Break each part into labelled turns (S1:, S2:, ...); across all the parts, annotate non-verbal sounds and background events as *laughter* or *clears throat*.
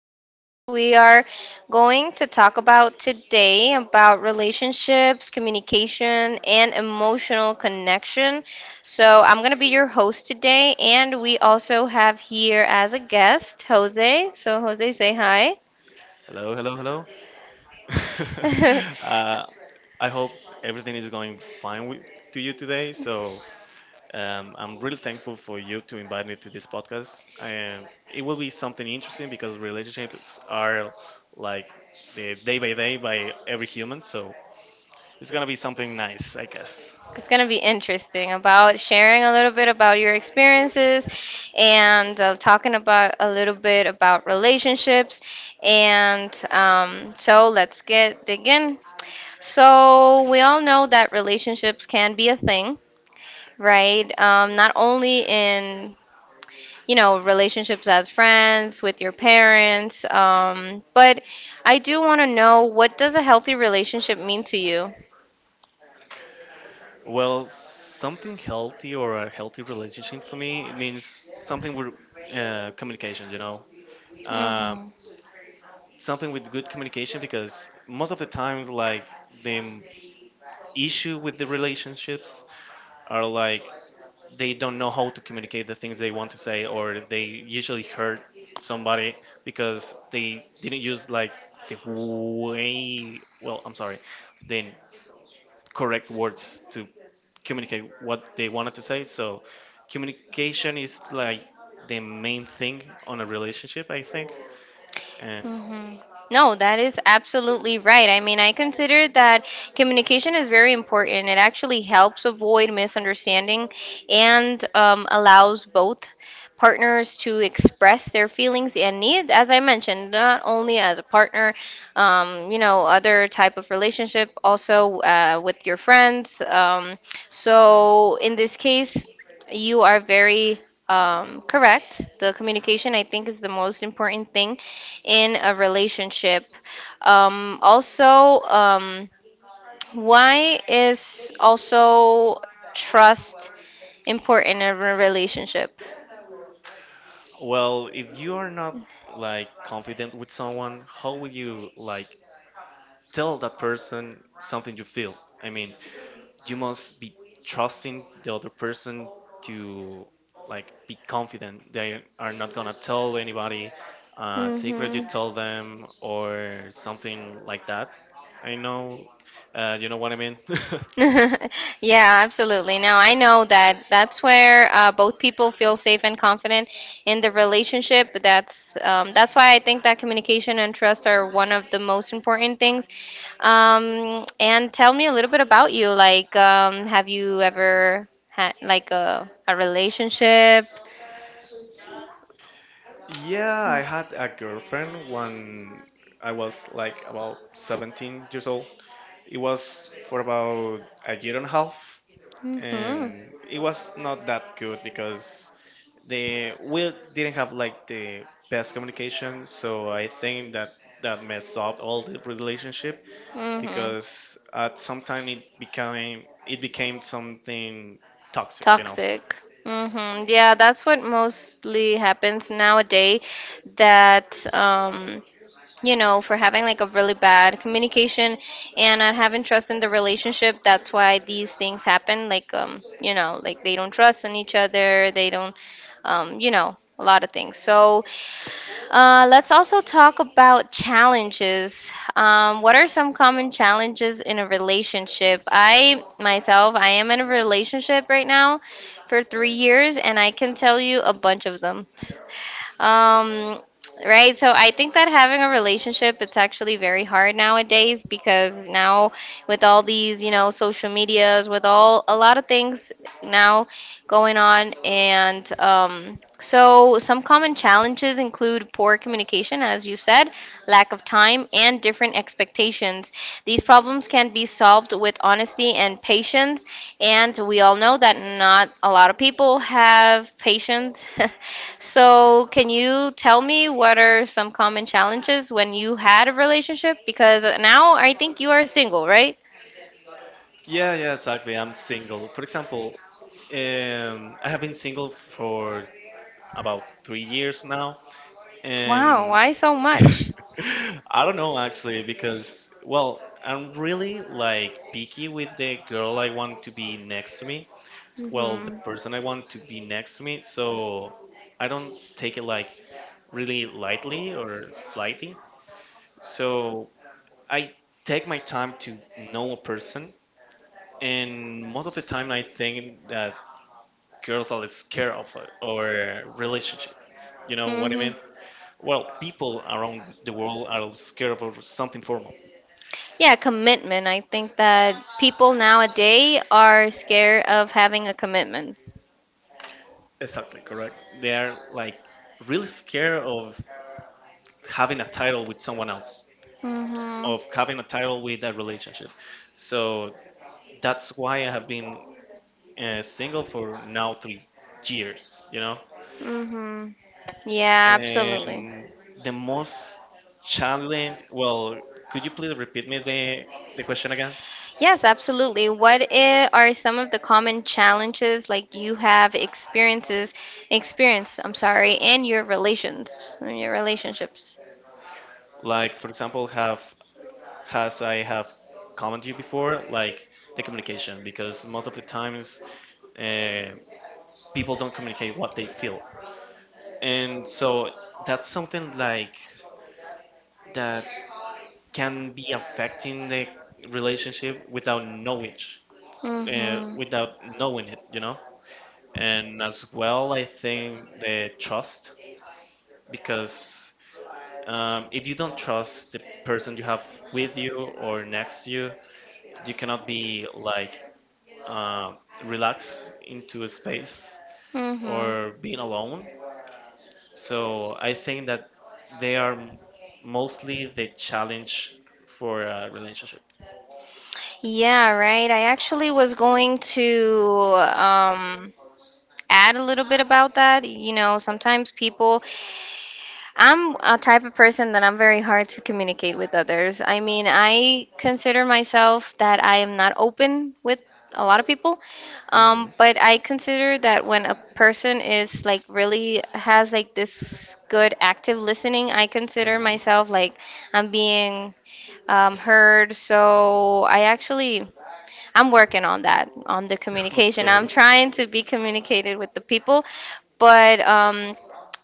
S1: podcast. We are going to talk about today about relationships, communication, and emotional connection. So, I'm going to be your host today and we also have here as a guest Jose. So, Jose, say hi.
S2: Hello, hello, hello. *laughs* uh,
S1: *laughs*
S2: I hope everything is going fine to you today. So I'm really thankful for you to invite me to this podcast. And it will be something interesting because relationships are like the day by day by every human. So it's gonna be something nice, I guess.
S1: It's going to be interesting about sharing a little bit about your experiences and talking about a little bit about relationships. And so let's get dig in. So we all know that relationships can be a thing, right? Not only in relationships as friends with your parents, but I do want to know what does a healthy relationship mean to you?
S2: Well, something healthy or a healthy relationship for me it means something with communication. You know, uh,
S1: Mhm.
S2: something with good communication because most of the time, like, the issue with the relationships are like they don't know how to communicate the things they want to say, or they usually hurt somebody because they didn't use like the way, well, I'm sorry, the correct words to communicate what they wanted to say. So communication is like the main thing on a relationship, I think.
S1: Mhm. No, that is absolutely right. I mean, I consider that communication is very important. It actually helps avoid misunderstanding and allows both partners to express their feelings and needs, as I mentioned, not only as a partner, other type of relationship, also with your friends. So in this case, you are very correct. The communication, I think, is the most important thing in a relationship. Also, why is also trust important in a relationship?
S2: Well, if you are not like confident with someone, how will you like tell that person something you feel? I mean, you must be trusting the other person to like be confident. They are not gonna tell anybody a secret you tell them or something like that. I know, you know what I mean. *laughs*
S1: *laughs* Yeah, absolutely. Now, I know that that's where both people feel safe and confident in the relationship. That's why I think that communication and trust are one of the most important things. And tell me a little bit about you. Like, have you ever had like a relationship?
S2: Yeah, I had a girlfriend when I was like about 17 years old. It was for about a year and a half,
S1: Mm-hmm.
S2: and it was not that good because they we didn't have like the best communication. So I think that that messed up all the relationship because at some time it became
S1: Mm-hmm.
S2: something toxic, you know.
S1: Toxic. Hmm. Yeah, that's what mostly happens nowadays that for having like a really bad communication and not having trust in the relationship. That's why these things happen. Like, like they don't trust in each other. They don't, a lot of things. So, let's also talk about challenges. What are some common challenges in a relationship? I myself, I am in a relationship right now for 3 years, and I can tell you a bunch of them. Um, Right. So I think that having a relationship, it's actually very hard nowadays because now with all these, social medias, with all a lot of things now going on. And so some common challenges include poor communication, as you said, lack of time, and different expectations. These problems can be solved with honesty and patience and we all know that not a lot of people have patience. *laughs* So, can you tell me what are some common challenges when you had a relationship? Because now I think you are single, right?
S2: Yeah, yeah, exactly. I'm single. For example, I have been single for about 3 years now,
S1: Wow,
S2: and
S1: why so much?
S2: *laughs* I don't know actually because, well, I'm really like picky with the girl I want to be next to me. Well, the
S1: Hmm.
S2: person I want to be next to me. So I don't take it like really lightly or slightly. So I take my time to know a person, and most of the time I think that girls are scared of our relationship, you know what I
S1: Hmm.
S2: mean. Well, people around the world are scared of something formal.
S1: Yeah, commitment. I think that people nowadays are scared of having a commitment.
S2: Exactly, correct. They are like really scared of having a title with someone else,
S1: Hmm.
S2: of having a title with a relationship. So that's why I have been single for now 3 years, you know.
S1: Hmm. Yeah, absolutely.
S2: And the most challenge, well, could you please repeat me the question again?
S1: Yes, absolutely. What are some of the common challenges like you have experiences experienced, I'm sorry, in your relationships?
S2: Like, for example, have has I have commented you before, like the communication, because most of the times uh, people don't communicate what they feel, and so that's something like that can be affecting the relationship without knowledge,
S1: Mm-hmm.
S2: without knowing it, you know. And as well, I think the trust, because if you don't trust the person you have with you or next to you, you cannot be like um, relaxed into a space or
S1: Mm-hmm.
S2: being alone. So I think that they are m- mostly the challenge for a relationship.
S1: Yeah, right. I actually was going to add a little bit about that. You know, sometimes people I'm a type of person that I'm very hard to communicate with others. I mean, I consider myself that I am not open with a lot of people,
S2: Mhm,
S1: but I consider that when a person is like really has like this good active listening, I consider myself like I'm being heard. So I actually, I'm working on that, on the communication.
S2: mhm.
S1: I'm trying to be communicated with the people, but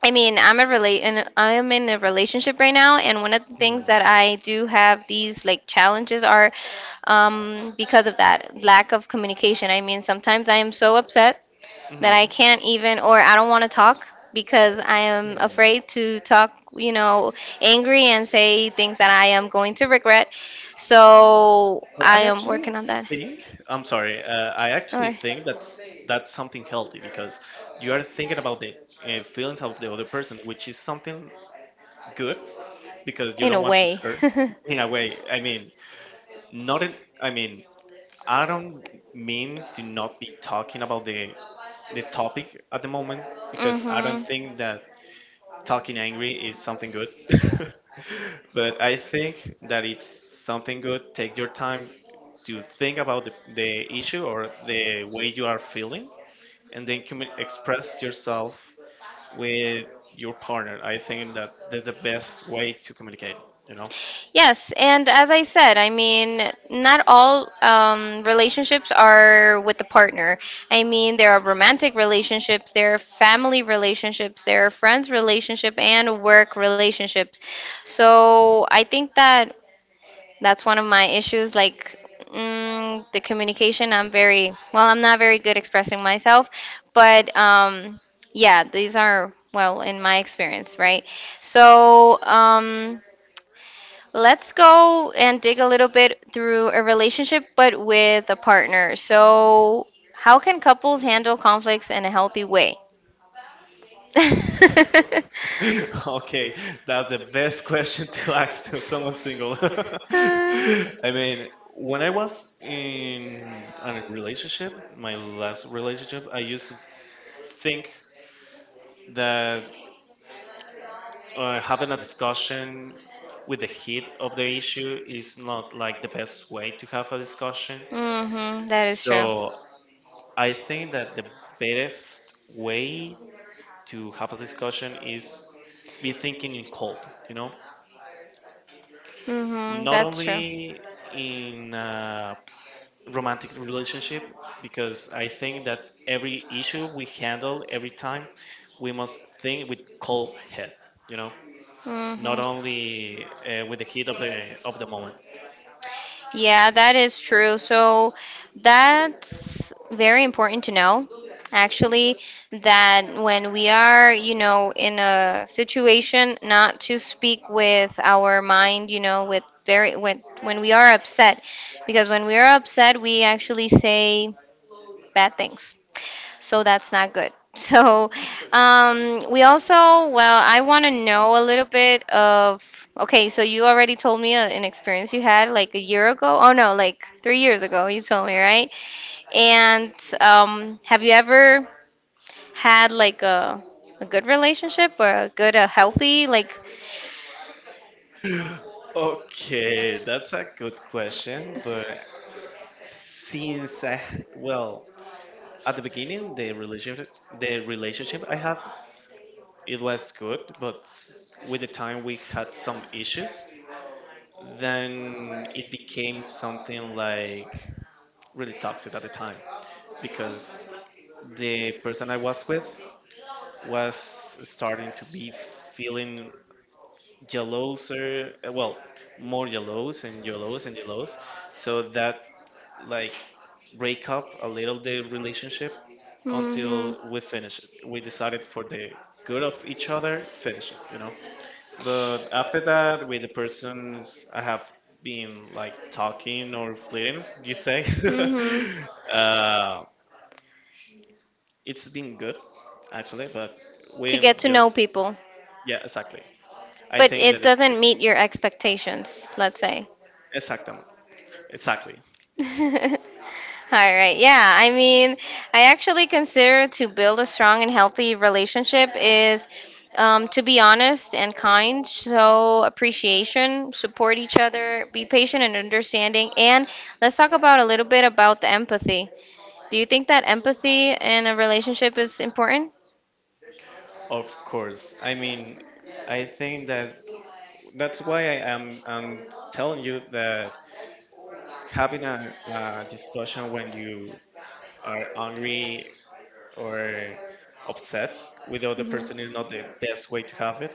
S1: I mean, I am in a relationship right now, and one of the things
S2: Mhm.
S1: that I do have these like challenges are because of that lack of communication. I mean, sometimes I am so upset that I
S2: Mhm.
S1: can't even, or I don't want to talk because I am
S2: Mhm.
S1: afraid to talk, angry and say things that I am going to regret. So
S2: But
S1: I
S2: I
S1: am
S2: actually
S1: working on that.
S2: think, I'm sorry, I actually
S1: Or
S2: think that's something healthy because you are thinking about the feelings of the other person, which is something good because you
S1: in
S2: don't
S1: a
S2: want to
S1: way.
S2: hurt
S1: *laughs*
S2: in a way. I mean, not in, I mean, I don't mean to not be talking about the topic at the moment, because I don't
S1: Hmm.
S2: think that talking angry is something good. *laughs* but I think that it's something good, take your time to think about the issue or the way you are feeling, and then express yourself with your partner. I think that that's the best way to communicate, you know.
S1: Yes, and as I said, I mean, not all relationships are with the partner. I mean, there are romantic relationships, there are family relationships, there are friends relationship, and work relationships. So I think that That's one of my issues. Like the communication, I'm very well. I'm not very good expressing myself, but yeah, these are well in my experience, right? So let's go and dig a little bit through a relationship, but with a partner. So how can couples handle conflicts in a healthy way? *laughs*
S2: *laughs* Okay, that's the best question to ask *laughs* to someone single. *laughs* I mean, when I was in a relationship, my last relationship, I used to think that having a discussion with the
S1: Uh,
S2: heat of the issue is not like the best way to have a discussion.
S1: Mm-hmm, that is true.
S2: So I think that the best way to have a discussion is be thinking in cold, you know?
S1: Mm-hmm,
S2: Not
S1: that's true.
S2: only in a romantic relationship, because I think that every issue we handle, every time we must think with cold head, you know, not
S1: Mm-hmm.
S2: only with the heat of the moment.
S1: Yeah, that is true. So that's very important to know, actually, that when we are, in a situation not to speak with our mind, with when we are upset, because when we are upset, we actually say bad things. So that's not good. *laughs* So we also, well, I want to know a little bit of, okay, so you already told me an experience you had like a year ago. Oh no, like 3 years ago, you told me, right? And have you ever had like a good relationship or a good, a healthy, like,
S2: Okay, that's a good question, but well, at the beginning the relationship, the relationship I have, it was good, but with the time we had some issues, then it became something like really toxic at the time, because the person I was with was starting to be feeling jealouser, well, more jealous and jealous and jealous. So that like break up a little the relationship
S1: mm-hmm,
S2: until we finish it. We decided for the good of each other, finish it, you know. But after that, with the persons I have been like talking or flirting, you say,
S1: mm-hmm,
S2: *laughs* uh, it's been good actually. But
S1: to
S2: we
S1: get to know
S2: just,
S1: people?
S2: yeah, exactly. I
S1: But
S2: think
S1: it
S2: that it's good.
S1: doesn't meet your expectations, let's say.
S2: Exactly, exactly.
S1: *laughs* All right. Yeah, I mean, I actually consider to build a strong and healthy relationship is to be honest and kind, show appreciation, support each other, be patient and understanding. And let's talk about a little bit about the empathy. Do you think that empathy in a relationship is important?
S2: Of course. I mean, I think that that's why I'm telling you that having a discussion when you are angry or upset with the other person is not the best way to have it,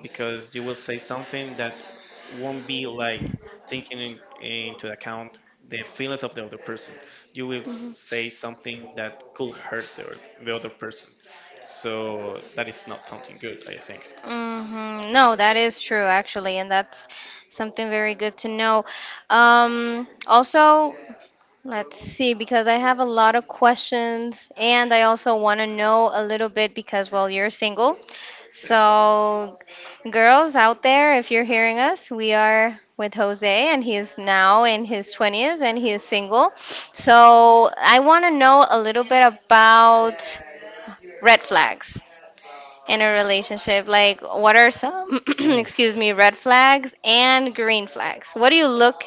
S2: because you will say something that won't be like taking in, into account the feelings of the other person. You will say
S1: Mhm.
S2: something that could hurt the other
S1: Mhm.
S2: person. So that is not something good, I think.
S1: Hmm. No, that is true actually, and that's something very good to know. Also, let's see, because I have a lot of questions, and I also want to know a little bit because, well, you're single. So, girls out there, if you're hearing us, we are with Jose, and he is now in his 20s and he is single. So, I want to know a little bit about red flags in a relationship. Like, what are some, *clears throat*
S2: Oof,
S1: excuse me, red flags and green flags? What do you look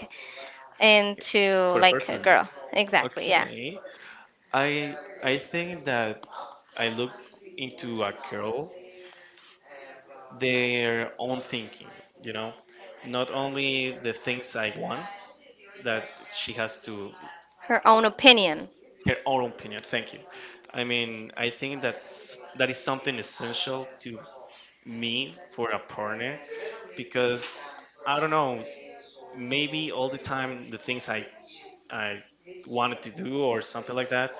S1: into,
S2: for a
S1: like, a
S2: person.
S1: girl? Exactly, yeah.
S2: Okay. I I think that I look into a girl their own thinking, you know, not only the things I want that she has to
S1: Her own opinion.
S2: her own opinion. Thank you. I mean, I think that is something essential to me for a partner, because I don't know, maybe all the time the things I wanted to do or something like that,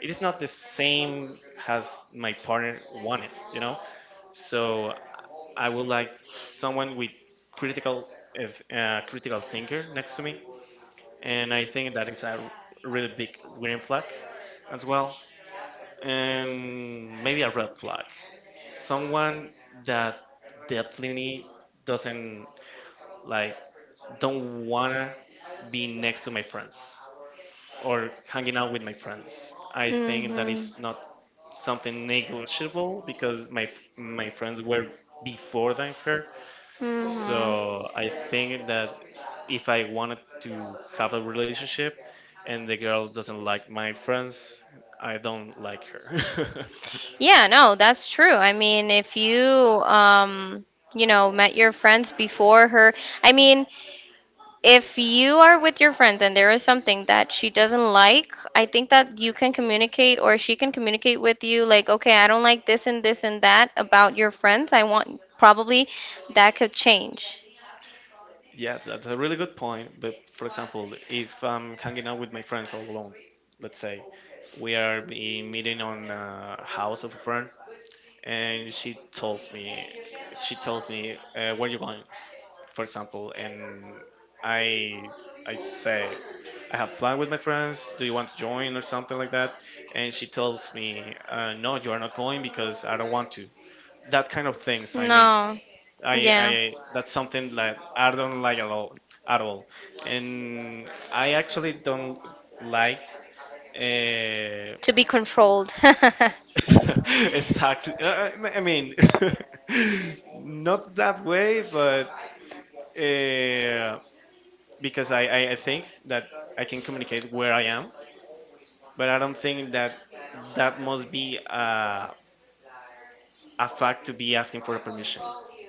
S2: it is not the same as my partner wanted, you know. So I would like someone with critical, if, critical thinker next to me, and I think that is a really big green flag as well, and maybe a red flag. Someone that definitely doesn't like don't wanna be next to my friends or hanging out with my friends. I think that
S1: Hmm.
S2: is not something negotiable because my friends were before than her.
S1: Hmm.
S2: So I think that if I wanted to have a relationship and the girl doesn't like my friends, I don't like her.
S1: Yeah, no, that's true. I mean, if you, met your friends before her, I mean, if you are with your friends and there is something that she doesn't like, I think that you can communicate or she can communicate with you like, okay, I don't like this and this and that about your friends. I want probably that could change.
S2: *laughs* yeah, that's a really good point. But for example, if I'm hanging out with my friends all alone, let's say we are be meeting on a house of a friend, and she tells me, where you going? For example, and I I say I have planned with my friends. Do you want to join or something like that? And she tells me, no, you are not going because I don't want to. That kind of things. I mean,
S1: No. Yeah.
S2: I that's something that I don't like at all, at all. And I actually don't like. Uh,
S1: To be controlled.
S2: *laughs* exactly. I mean, *laughs*
S1: *laughs*
S2: not that way, but. Uh, because I think that I can communicate where I am, but I don't think that that must be a fact to be asking for a permission.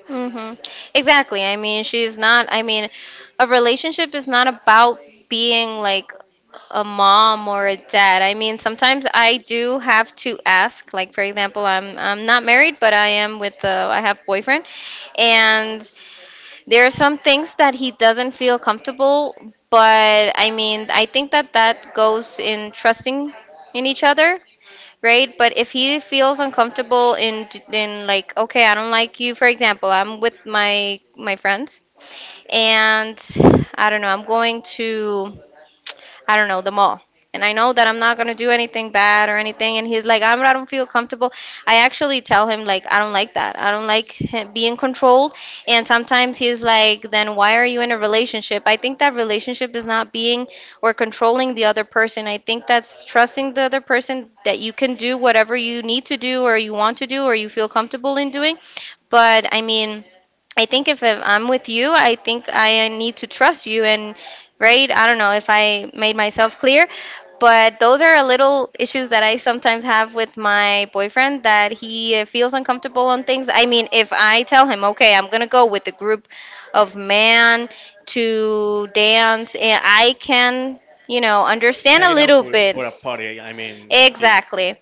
S1: Mm-hmm. Exactly. I mean, she's not, I mean, a relationship is not about being like a mom or a dad. I mean, sometimes I do have to ask, like for example, I'm not married, but I am with the I have boyfriend and there are some things that he doesn't feel comfortable, but I mean, I think that that goes in trusting in each other, right? But if he feels uncomfortable in, like, okay, I don't like you, for example, I'm with my friends and I don't know, I'm going to, I don't know, the mall. And I know that I'm not gonna do anything bad or anything. And he's like, I don't feel comfortable. I actually tell him like, I don't like that. I don't like him being controlled. And sometimes he's like, then why are you in a relationship? I think that relationship is not being or controlling the other person. I think that's trusting the other person that you can do whatever you need to do or you want to do or you feel comfortable in doing. But I mean, I think if I'm with you, I think I need to trust you and, right, I don't know if I made myself clear, but those are a little issues that I sometimes have with my boyfriend that he feels uncomfortable on things. I mean, if I tell him, "Okay, I'm going to go with a group of man to dance," and I can, understand a
S2: Hanging out
S1: little bit.
S2: for a party, I mean, dude,
S1: Exactly.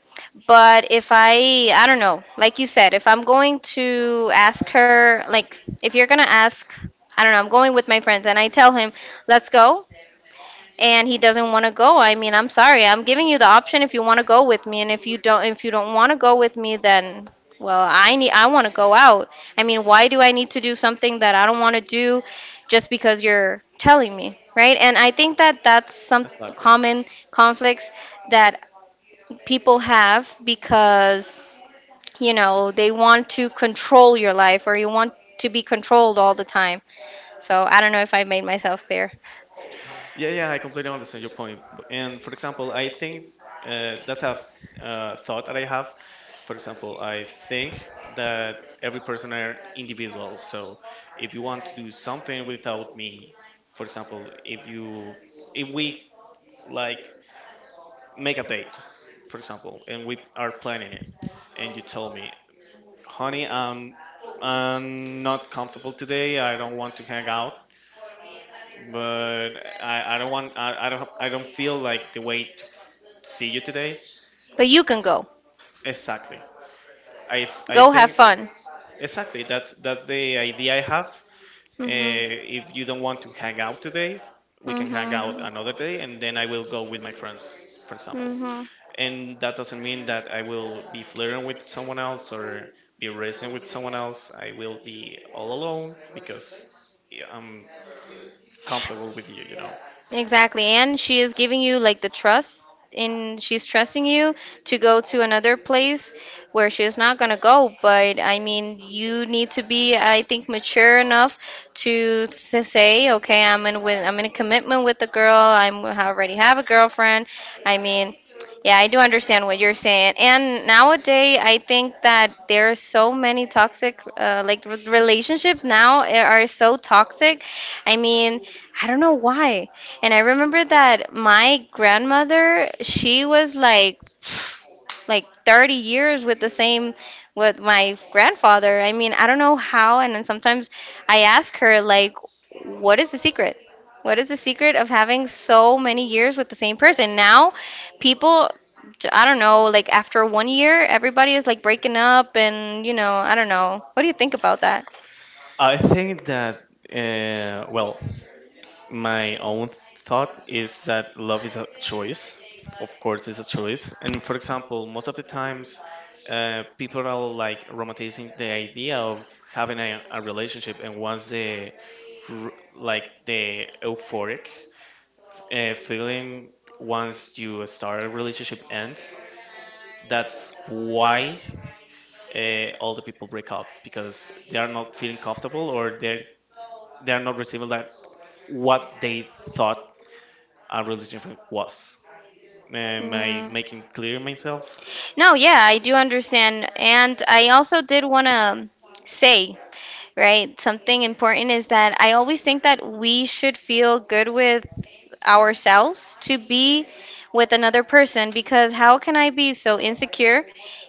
S1: But if I, I don't know, like you said, if I'm going to ask her, like, if you're going to ask, I don't know, I'm going with my friends and I tell him, let's go, and he doesn't want to go, I mean, I'm sorry. I'm giving you the option if you want to go with me, and if you don't want to go with me, then, well, I need, I want to go out. I mean, why do I need to do something that I don't want to do just because you're telling me, right? And I think that that's some
S2: exactly.
S1: common conflicts that people have because, they want to control your life or you want to be controlled all the time. So I don't know if I made myself clear.
S2: Yeah, yeah, I completely understand your point. And for example, I think that's thought that I have. For example, I think that every person are individual. So if you want to do something without me, for example, if we like make a date, for example, and we are planning it, and you tell me, honey, I'm not comfortable today. I don't want to hang out, but I don't want I don't feel like the way to see you today.
S1: But you can go.
S2: Exactly. I
S1: Go have
S2: think that,
S1: fun.
S2: exactly that's the idea I have.
S1: hmm
S2: If you don't want to hang out today, we can hang out another day, and then I will go with my friends, for example.
S1: hmm hmm
S2: And that doesn't mean that I will be flirting with someone else or be racing with someone else. I will be all alone because, yeah, I'm comfortable with you, you know.
S1: Exactly. And she is giving you like the trust in she's trusting you to go to another place where she's not gonna go. But I mean, you need to be, I think, mature enough to, say, okay, I'm in a commitment with the girl. I already have a girlfriend. I mean, yeah, I do understand what you're saying. And nowadays, I think that there are so many toxic, like relationships now are so toxic. I mean, I don't know why. And I remember that my grandmother, she was like *sniffs* like 30 years with the same with my grandfather. I mean, I don't know how, and then sometimes I ask her like, what is the secret? What is the secret of having so many years with the same person? Now people, I don't know, like after one year everybody is like breaking up and you know, I don't know. What do you think about that?
S2: I think that, well, my own thought is that love is a choice. Of course, it's a choice. And for example, most of the times, people are like romanticizing the idea of having a relationship, and once the like the euphoric feeling once you start a relationship ends, that's why all the people break up because they are not feeling comfortable, or they are not receiving that what they thought a religion was. Am I
S1: Yeah.
S2: making clear myself?
S1: No, yeah, I do understand. And I also did want to say, right, something important is that I always think that we should feel good with ourselves to be with another person. Because how can I be so insecure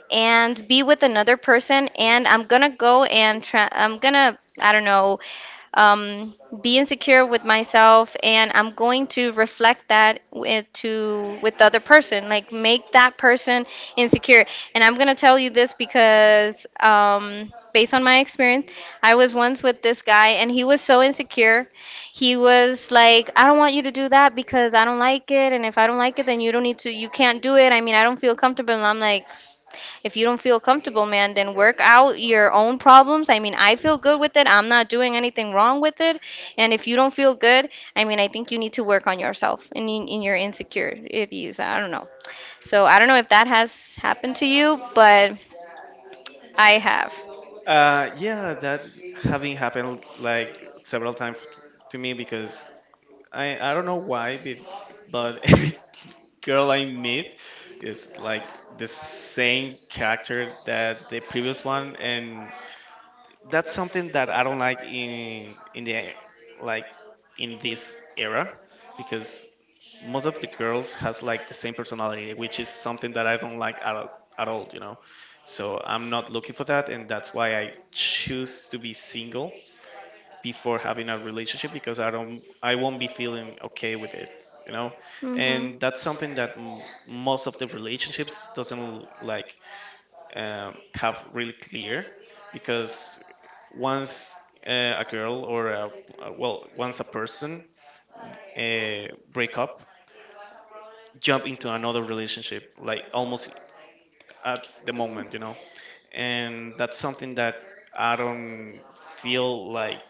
S1: and be with another person and I'm gonna go and try, I'm gonna, I don't know, um, be insecure with myself, and I'm going to reflect that with the other person, like make that person insecure. And I'm gonna tell you this because based on my experience, I was once with this guy, and he was so insecure. He was like, "I don't want you to do that because I don't like it, and if I don't like it, then you don't need to, you can't do it." I mean, I don't feel comfortable, and I'm like. If you don't feel comfortable, man, then work out your own problems. I mean, I feel good with it. I'm not doing anything wrong with it. And if you don't feel good, I mean, I think you need to work on yourself and in your insecurities. I don't know. So I don't know if that has happened to you, but I have.
S2: Yeah, that having happened like several times to me because I don't know why, but *laughs* every girl I meet is like the same character that the previous one, and that's something that I don't like in the like in this era because most of the girls has like the same personality, which is something that I don't like at all, you know. So I'm not looking for that, and that's why I choose to be single before having a relationship because I won't be feeling okay with it, you know.
S1: Hmm.
S2: And that's something that most of the relationships doesn't like have really clear because once a girl or a, well once a person break up jump into another relationship like almost at the moment, you know. And that's something that I don't feel like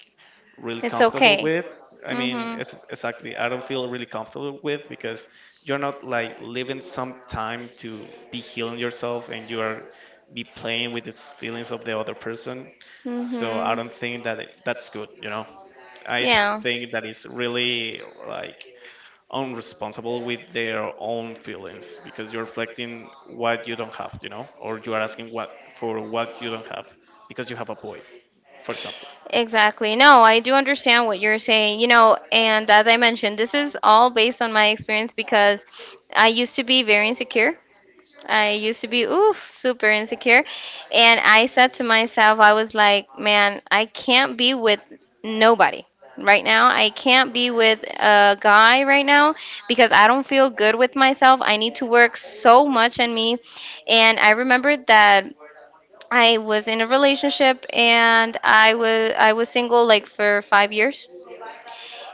S2: really
S1: It's
S2: comfortable
S1: okay.
S2: with. I mean,
S1: Hmm.
S2: it's exactly, I don't feel really comfortable with because you're not like living some time to be healing yourself and you are be playing with these feelings of the other person. So I
S1: Hmm.
S2: don't think that it, that's good, you know. I
S1: Yeah.
S2: think that it's really like unresponsible with their own feelings because you're reflecting what you don't have, you know, or you are asking what for what you don't have because you have a void, for example.
S1: Exactly. No, I do understand what you're saying. You know, and as I mentioned, this is all based on my experience because I used to be very insecure. I used to be, oof, super insecure. And I said to myself, I was like, man, I can't be with nobody right now. I can't be with a guy right now because I don't feel good with myself. I need to work so much on me. And I remember that I was in a relationship and I was single like for 5 years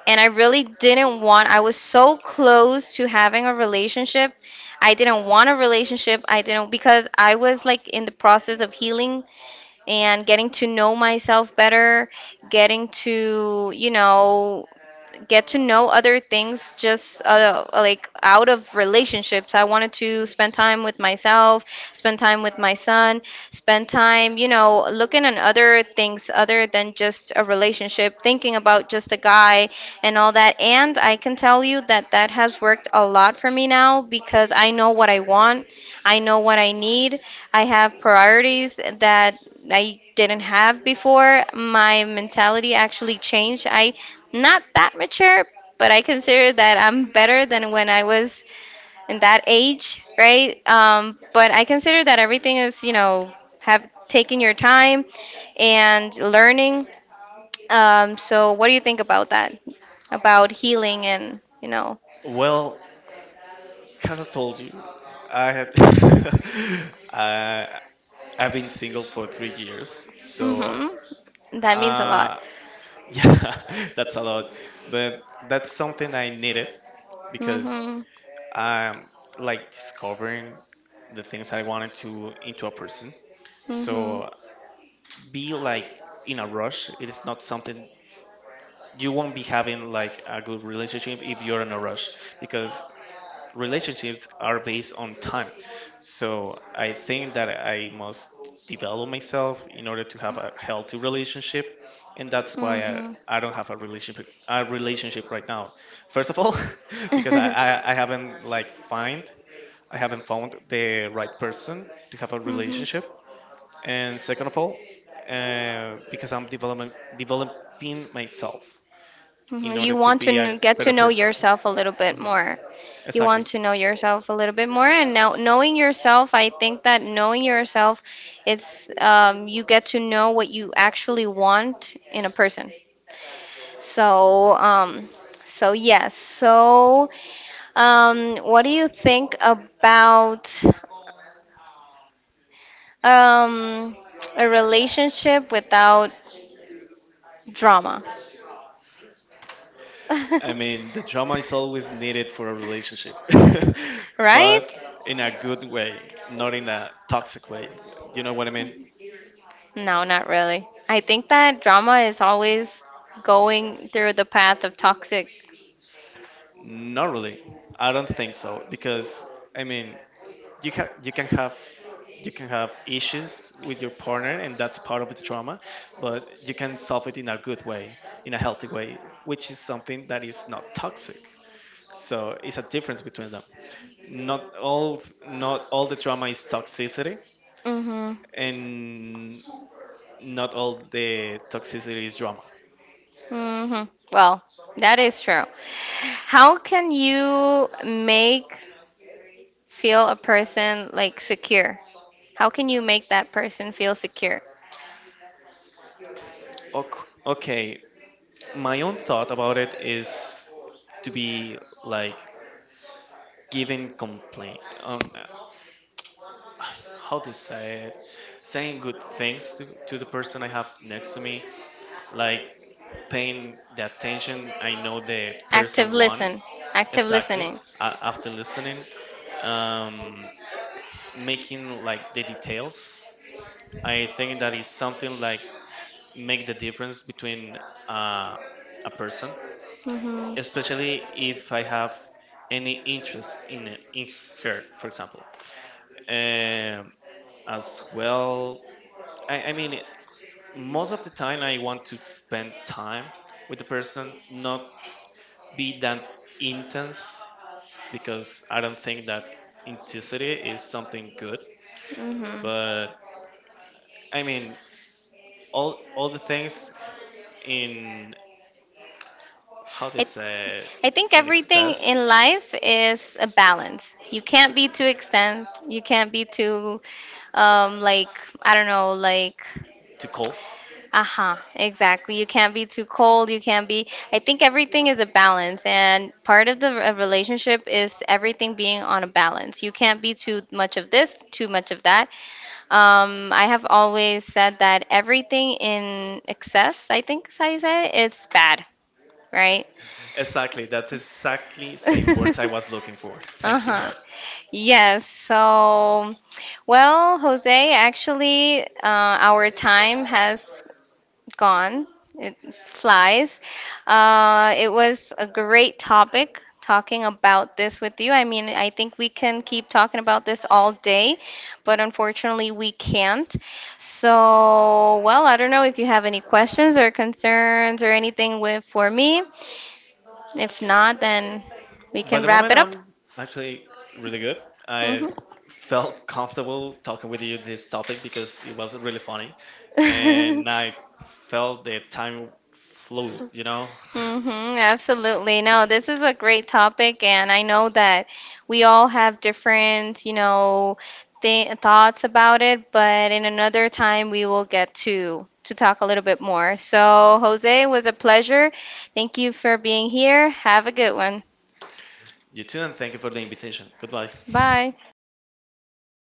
S1: and I really didn't want, I was so close to having a relationship. I didn't want a relationship. I didn't, because I was like in the process of healing and getting to know myself better, getting to, you know, get to know other things just like out of relationships. I wanted to spend time with myself, spend time with my son, spend time, you know, looking at other things other than just a relationship, thinking about just a guy and all that. And I can tell you that that has worked a lot for me now because I know what I want, I know what I need, I have priorities that I didn't have before. My mentality actually changed. I not that mature, but I consider that I'm better than when I was in that age, right? But I consider that everything is, you know, have taking your time and learning. So what do you think about that? About healing and, you know,
S2: Well, as I told you, I had *laughs* I I've been single for 3 years, so
S1: hmm, that means a lot.
S2: uh, *laughs* yeah, that's a lot, but that's something I needed because
S1: hmm
S2: um, like discovering the things I wanted to into a person.
S1: hmm
S2: So be like in a rush. It is not something you won't be having like a good relationship if you're in a rush because relationships are based on time. So I think that I must develop myself in order to have a healthy relationship. And that's why I don't have a relationship right now. First of all, *laughs* because I,
S1: hmm
S2: I, I haven't like find I haven't found the right person to have a
S1: hmm
S2: relationship.
S1: *laughs*
S2: And second of all, because I'm developing myself in
S1: Mhm.
S2: order
S1: You
S2: to
S1: want to
S2: be a
S1: get to
S2: better
S1: know
S2: person.
S1: yourself a little bit
S2: Mhm.
S1: more. You
S2: Exactly.
S1: want to know yourself a little bit more, and now knowing yourself, I think that knowing yourself, it's you get to know what you actually want in a person. So, so yes. So, what do you think about um, a relationship without drama?
S2: I mean, the
S1: *laughs*
S2: drama is always needed for a relationship, *laughs* but
S1: Right?
S2: in a good way, not in a toxic way. You know what I mean?
S1: No, not really. I think that drama is always going through the path of toxic.
S2: Not really. I don't think so because I mean, you can you can have you can have issues with your partner and that's part of the trauma but you can solve it in a good way in a healthy way which is something that is not toxic so it's a difference between them not all not all the trauma is toxicity
S1: Mhm.
S2: and not all the toxicity is drama.
S1: Mhm. Well, that is true. How can you make feel a person like secure? How can you make that person feel secure?
S2: Okay, my own thought about it is to be like giving complaint. *sighs* How to say it? Saying good things to the person I have next to me, like paying the attention I know the person
S1: Active
S2: want
S1: listen. Active
S2: exactly
S1: listening.
S2: after listening um, making like the details. I think that is something like make the difference between uh, a person,
S1: Mhm.
S2: especially if I have any interest in her, for example. Um, as well, I mean, most of the time I want to spend time with the person, not be that intense, because I don't think that intensity is something good.
S1: Mhm.
S2: But I mean, all the things in how to
S1: It
S2: say
S1: I think
S2: in
S1: everything
S2: excess
S1: in life is a balance. You can't be too extent. You can't be too, like, I don't know, like,
S2: too cold
S1: uh-huh, exactly. You can't be too cold. You can't be. I think everything is a balance, and part of the a relationship is everything being on a balance. You can't be too much of this, too much of that. I have always said that everything in excess, I think is how you say it, it's bad, right?
S2: exactly that's
S1: *laughs*
S2: exactly same words I was looking for. Thank you.
S1: Uh-huh. Yes, so, well, Jose, actually, our time has gone. It flies. It was a great topic talking about this with you. I mean, I think we can keep talking about this all day, but unfortunately, we can't. So, well, I don't know if you have any questions or concerns or anything with for me. If not, then we
S2: *laughs* By
S1: can
S2: the
S1: wrap
S2: moment
S1: it up.
S2: I'm actually really good. I felt comfortable talking with you this topic because it was really funny
S1: Hmm.
S2: and
S1: *laughs*
S2: I felt the time flew, you know.
S1: Mm-hmm, absolutely. No, this is a great topic, and I know that we all have different, you know, th thoughts about it, but in another time we will get to talk a little bit more. So, Jose, it was a pleasure. Thank you for being here. Have a good one.
S2: *laughs* You too, and thank you for the invitation. Goodbye.
S1: Bye.